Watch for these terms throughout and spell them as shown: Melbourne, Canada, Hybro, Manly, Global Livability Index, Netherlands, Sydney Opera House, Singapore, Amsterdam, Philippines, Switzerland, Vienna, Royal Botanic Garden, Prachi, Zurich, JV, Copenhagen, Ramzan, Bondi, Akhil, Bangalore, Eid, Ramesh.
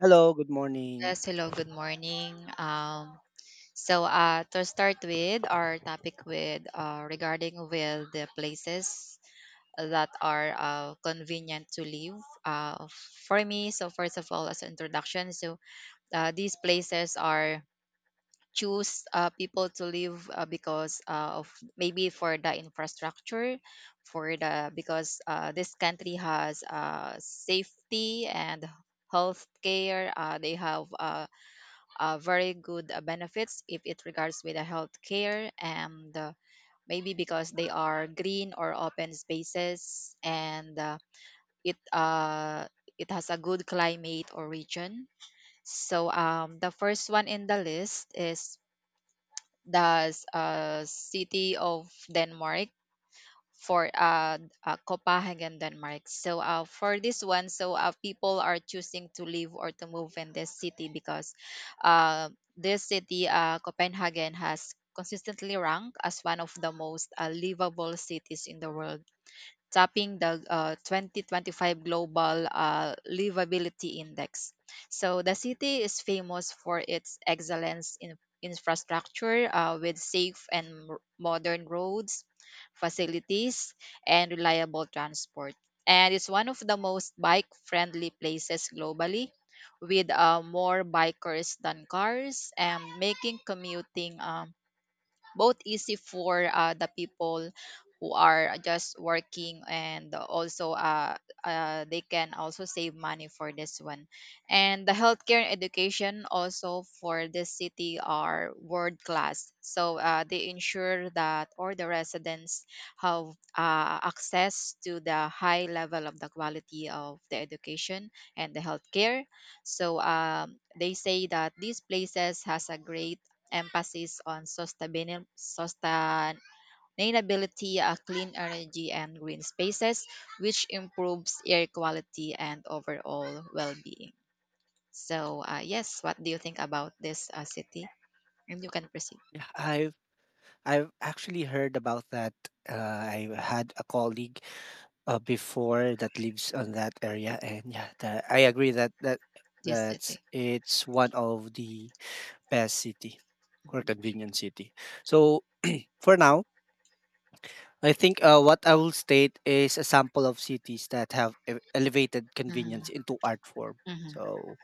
Hello, good morning. Yes, hello, good morning. To start with our topic with regarding with the places that are convenient to live uh, for me. So first of all, as an introduction, these places are choose people to live because of maybe for the infrastructure for the because this country has safety and health care they have very good benefits if it regards with the healthcare and maybe because they are green or open spaces and it uh, it has a good climate or region. So the first one in the list is the city of Denmark for Copenhagen, Denmark. So for this one, so people are choosing to live or to move in this city because uh this city Copenhagen has consistently ranked as one of the most livable cities in the world tapping the 2025 Global Livability Index. So the city is famous for its excellence in infrastructure with safe and modern roads, facilities, and reliable transport. And it's one of the most bike friendly places globally with more bikers than cars and making commuting both easy for the people who are just working and also they can also save money for this one. And the healthcare and education also for this city are world class, so they ensure that all the residents have access to the high level of the quality of the education and the healthcare. So they say that these places has a great emphasis on sustainability, clean energy, and green spaces, which improves air quality and overall well being. So, yes, what do you think about this city? And you can proceed. Yeah, I've actually heard about that. Uh, I had a colleague before that lives on that area, and yeah, I agree that that This that's city. it's one of the best city or convenient city. So for now, I think what I will state is a sample of cities that have elevated convenience Mm-hmm. into art form. Mm-hmm. So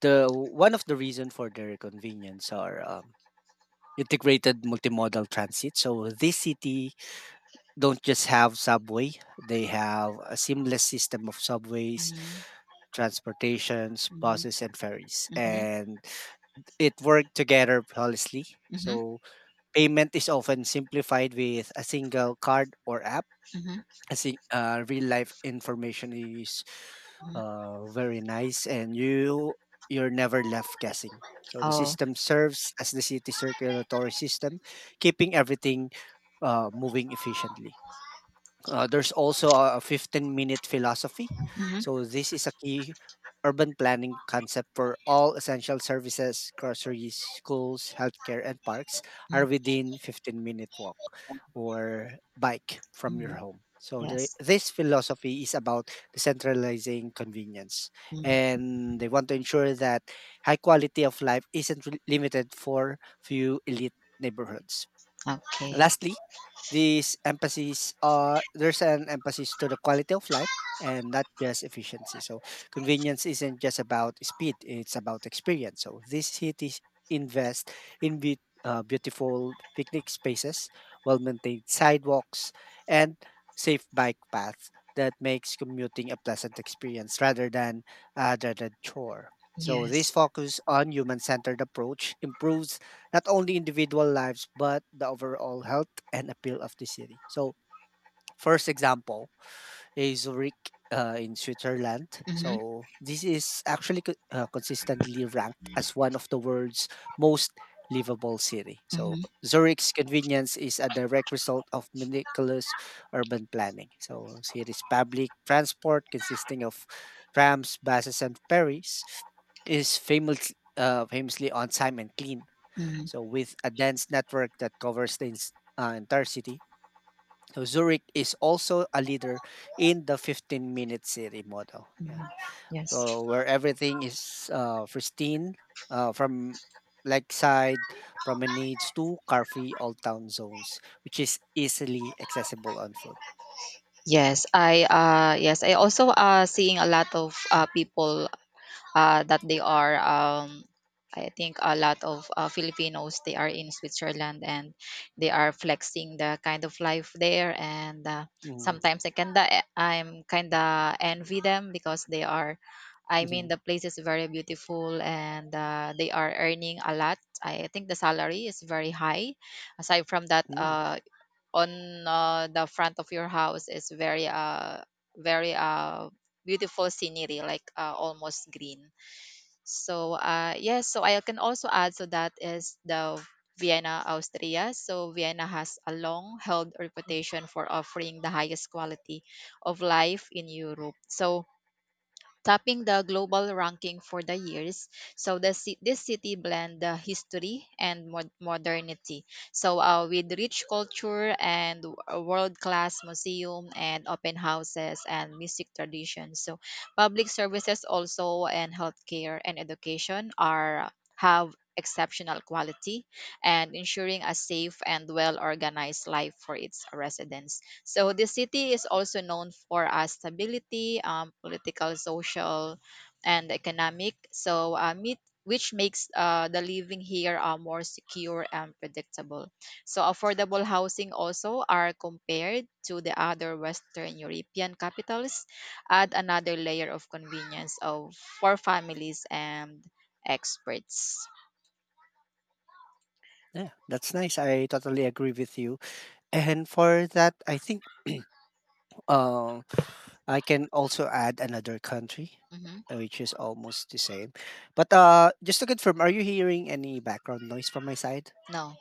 the one of the reason for their convenience are integrated multimodal transit. So this city don't just have subway, they have a seamless system of subways, Mm-hmm. transportations, buses and ferries. Mm-hmm. And it worked together flawlessly. Mm-hmm. So payment is often simplified with a single card or app. Mm-hmm. I think real life information is very nice, and you're never left guessing. So the Oh. system serves as the city circulatory system, keeping everything moving efficiently. There's also a 15-minute philosophy. Mm-hmm. So this is a key urban planning concept for all essential services, groceries, schools, healthcare, and parks Mm-hmm. are within 15-minute walk or bike from your home. So Yes. this philosophy is about decentralizing convenience, Mm. and they want to ensure that high quality of life isn't limited for few elite neighborhoods. Okay. Lastly, this emphasis there's an emphasis to the quality of life and not just efficiency. So convenience isn't just about speed, it's about experience. So these cities invest in beautiful picnic spaces, well-maintained sidewalks, and safe bike paths that makes commuting a pleasant experience rather than a chore. So this Yes. focus on human-centered approach improves not only individual lives but the overall health and appeal of the city. So, first example is Zurich in Switzerland. Mm-hmm. So, this is actually consistently ranked as one of the world's most livable city. So, Mm-hmm. Zurich's convenience is a direct result of meticulous urban planning. So, city's public transport consisting of trams, buses, and ferries is famously on time and clean, Mm-hmm. so with a dense network that covers the entire city, so Zurich is also a leader in the 15-minute city model. Yeah, Yes. so where everything is pristine, from lakeside promenades to car-free all-town zones, which is easily accessible on foot. Yes, I also seeing a lot of people that they are I think a lot of Filipinos they are in Switzerland and they are flexing the kind of life there, and Mhm, sometimes I I'm kinda envy them because they are I mean mhm, the place is very beautiful, and they are earning a lot. I think the salary is very high. Aside from that, mm. On the front of your house is very very uh beautiful scenery like almost green. So I can also add so that is the vienna austria. So vienna has a long held reputation for offering the highest quality of life in europe, so topping the global ranking for the years. So the this city blend the history and modernity. So with rich culture and world class museum and open houses and music traditions. So public services also and healthcare and education are have exceptional quality and ensuring a safe and well organized life for its residents. So the city is also known for stability, political, social, and economic. So which makes the living here more secure and predictable. So affordable housing also are compared to the other Western European capitals, add another layer of convenience of for families and experts. Yeah, that's nice. I totally agree with you. And for that, I think. Uh, I can also add another country, Hmm. Which is almost the same. But just to confirm, are you hearing any background noise from my side? No.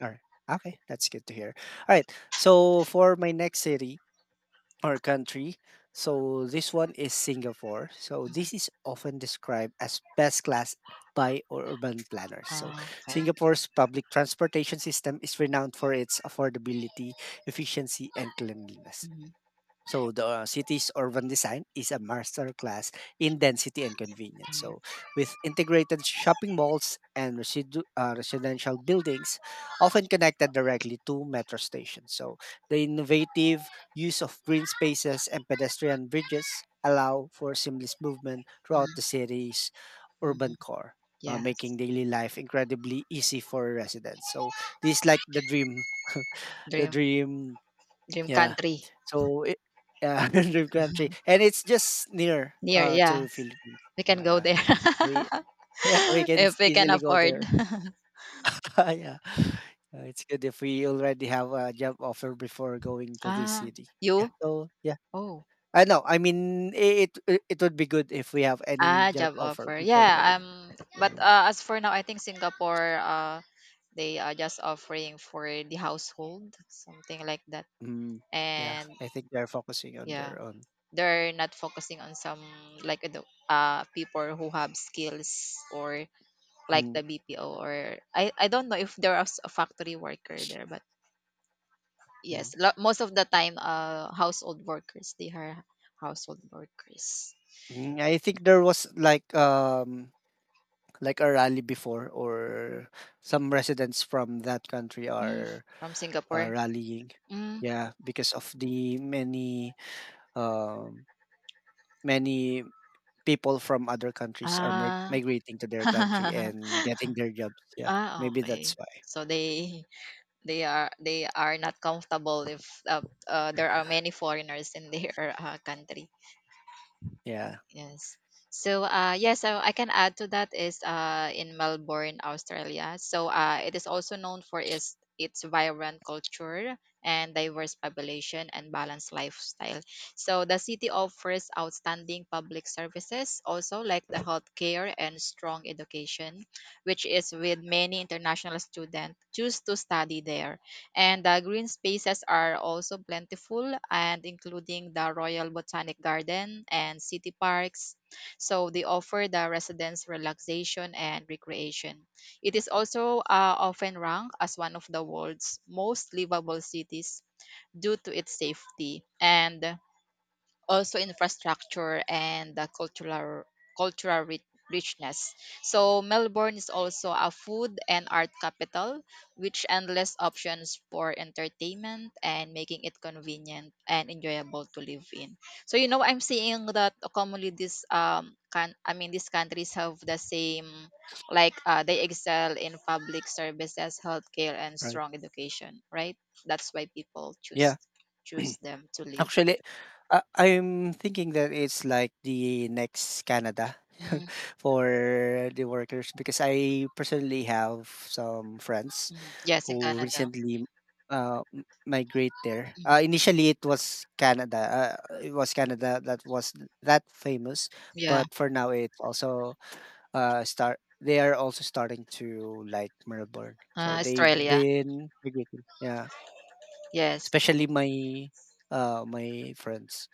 Or okay, that's good to hear. All right. So for my next city or country, so this one is Singapore. So Mhm. this is often described as best class by urban planners. So Ah, okay. Singapore's public transportation system is renowned for its affordability, efficiency, and cleanliness. Mhm. So the city's urban design is a masterclass in density and convenience. Mhm. So with integrated shopping malls and residential buildings, often connected directly to metro stations. So the innovative use of green spaces and pedestrian bridges allow for seamless movement throughout the city's urban core. Yes. Making daily life incredibly easy for residents. So this is like the dream, the Dream dream. dream Yeah. country. So it. Yeah, dream country, and it's just near, Near, yes. to Philippines. We can go Yeah, there we yeah, we can if s we can easily go afford. there. Yeah. It's good if we already have a job offer before going to this Ah, city. Yeah, you? so yeah. Oh, I know, I mean, I it would be good if we have any ah, job job offer offer. before Yeah, going. But Yeah. As for now, I think Singapore, they are just offering for the household, something like that. Mm, yeah, And I think they're focusing on yeah, their own. they're not focusing on some like the people who have skills or like the Mm, BPO, or I don't know if there is a factory worker there, but mm. yes, most of the time, household workers. They are household workers Mm, I think there was like a rally before or some residents from that country Mm, are from Singapore. rallying, Mm, yeah, because of the um, many people from other countries are ah, migrating to their country and getting their jobs, yeah, ah, maybe okay. that's why. So they they are not comfortable if there are many foreigners in their country. Yeah, Yes. So, yes, so I can add to that is in Melbourne, Australia. So, it is also known for its vibrant culture and diverse population and balanced lifestyle. So, the city offers outstanding public services, also like the healthcare and strong education, which is with many international students choose to study there, and the green spaces are also plentiful and including the Royal Botanic Garden and city parks. So they offer the residents relaxation and recreation. It is also often ranked as one of the world's most livable cities due to its safety and also infrastructure and the cultural ri- richness. So Melbourne is also a food and art capital, which endless options for entertainment and making it convenient and enjoyable to live in. So you know, I'm seeing that commonly this can I mean these countries have the same like they excel in public services, healthcare, and right. strong education, right? That's why people Yeah. choose them to live. Actually, I I'm thinking that it's like the next Canada. Mm-hmm. For the workers, because I personally have some friends Mhm. Yes, in who Canada. recently migrate there. Mhm. Initially, it was Canada. It was Canada that was that famous, Yeah, but for now, it also start. They are also starting to like Melbourne, so they've Australia. been migrating. Yeah, Yes. especially my my friends.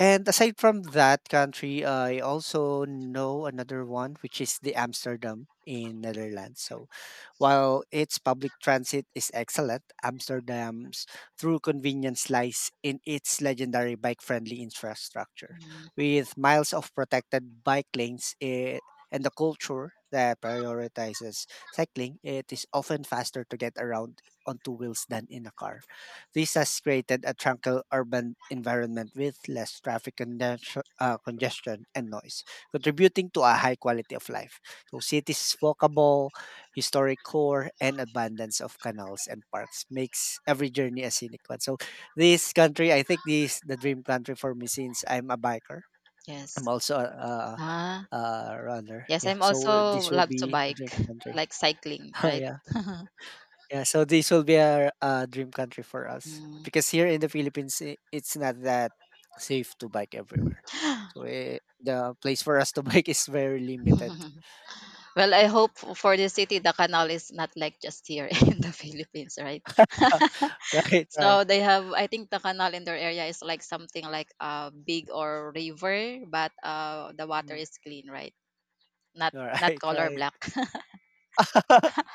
And aside from that country, I also know another one, which is the Amsterdam in Netherlands. So while its public transit is excellent, Amsterdam's true convenience lies in its legendary bike-friendly infrastructure, Mhm. with miles of protected bike lanes, and a culture that prioritizes cycling. It is often faster to get around on two wheels than in a car. This has created a tranquil urban environment with less traffic congestion and noise, contributing to a high quality of life. So, cities is walkable, historic core, and abundance of canals and parks makes every journey a scenic one. So, this country, I think, this the dream country for me since I'm a biker. Yes. I'm also Ah, a runner. yes. Yeah, I'm so also this will love to be a bike, dream country. like cycling, Oh right? yeah. Yeah, so this will be a dream country for us Mm. because here in the Philippines, it's not that safe to bike everywhere. So the place for us to bike is very limited. Well, I hope for the city, the canal is not like just here in the Philippines, right? Right, right. So they have, I think the canal in their area is like something like a big or river, but the water Mm. is clean, right? Not All not right, color right. black.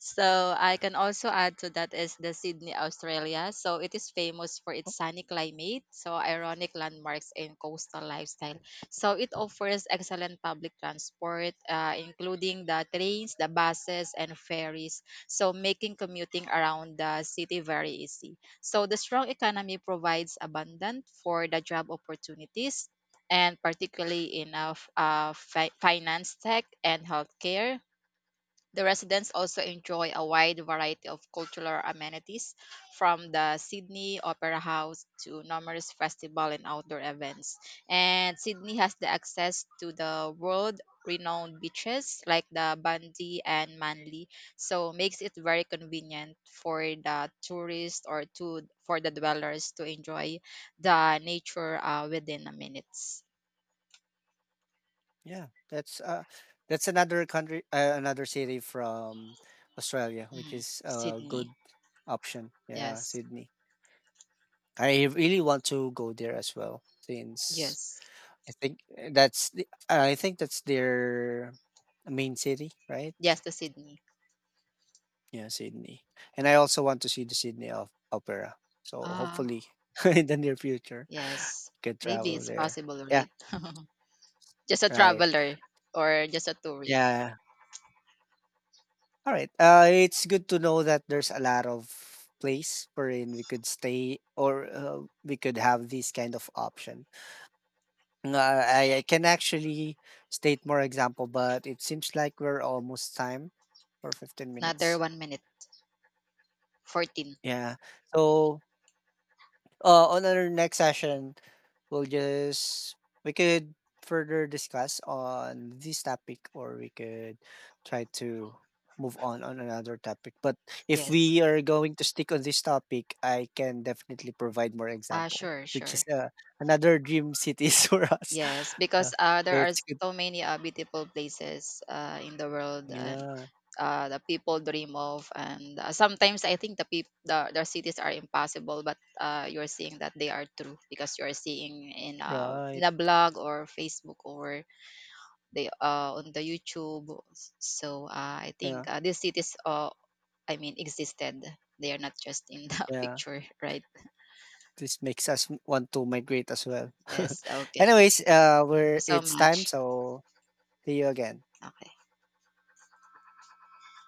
So I can also add to that is the Sydney, Australia. So it is famous for its Oh. sunny climate, so ironic landmarks and coastal lifestyle. So it offers excellent public transport, including the trains, the buses, and ferries. So making commuting around the city very easy. So the strong economy provides abundant for the job opportunities. And particularly in finance, tech, and healthcare, the residents also enjoy a wide variety of cultural amenities, from the Sydney Opera House to numerous festival and outdoor events. And Sydney has the access to the world renowned beaches like the Bundy and Manly, so makes it very convenient for the tourists or to for the dwellers to enjoy the nature within a minutes. Yeah, that's another country, another city from Australia, which Mm, is a Sydney, good option. Yeah, yes, Sydney. I really want to go there as well since yes, I think eh, that's the I think that's their main city, right? yes, the Sydney. Yeah, Sydney. And I also want to see the Sydney Opera. So Ah. hopefully in the near future, I Yes, can maybe travel it's there. possible, Yeah, right? Just a right. traveler or just a tourist. Yeah. All right. It's good to know that there's a lot of place wherein we could stay or we could have this kind of option. Uh, I can actually state more example, but it seems like we're almost time for 15 Another minutes. 1 minute, 14. Yeah. So, on our next session, we'll just we could further discuss on this topic, or we could try to move on another topic. But if Yes. we are going to stick on this topic, I can definitely provide more Ah, example, sure, which is sure. Another dream cities for us. Yes, Yeah, because there are it's good. so many beautiful places in the world and Yeah, the people dream of. And sometimes I think the people, the cities are impossible, but you're seeing that they are true because you're seeing in right. a blog or Facebook or they on the youtube. So I Yeah, think these cities I mean existed. They are not just in the yeah. picture, right? This makes us want to migrate as well. Yes, okay, Anyways, thank you we're so it's much. time, so see you again. Okay.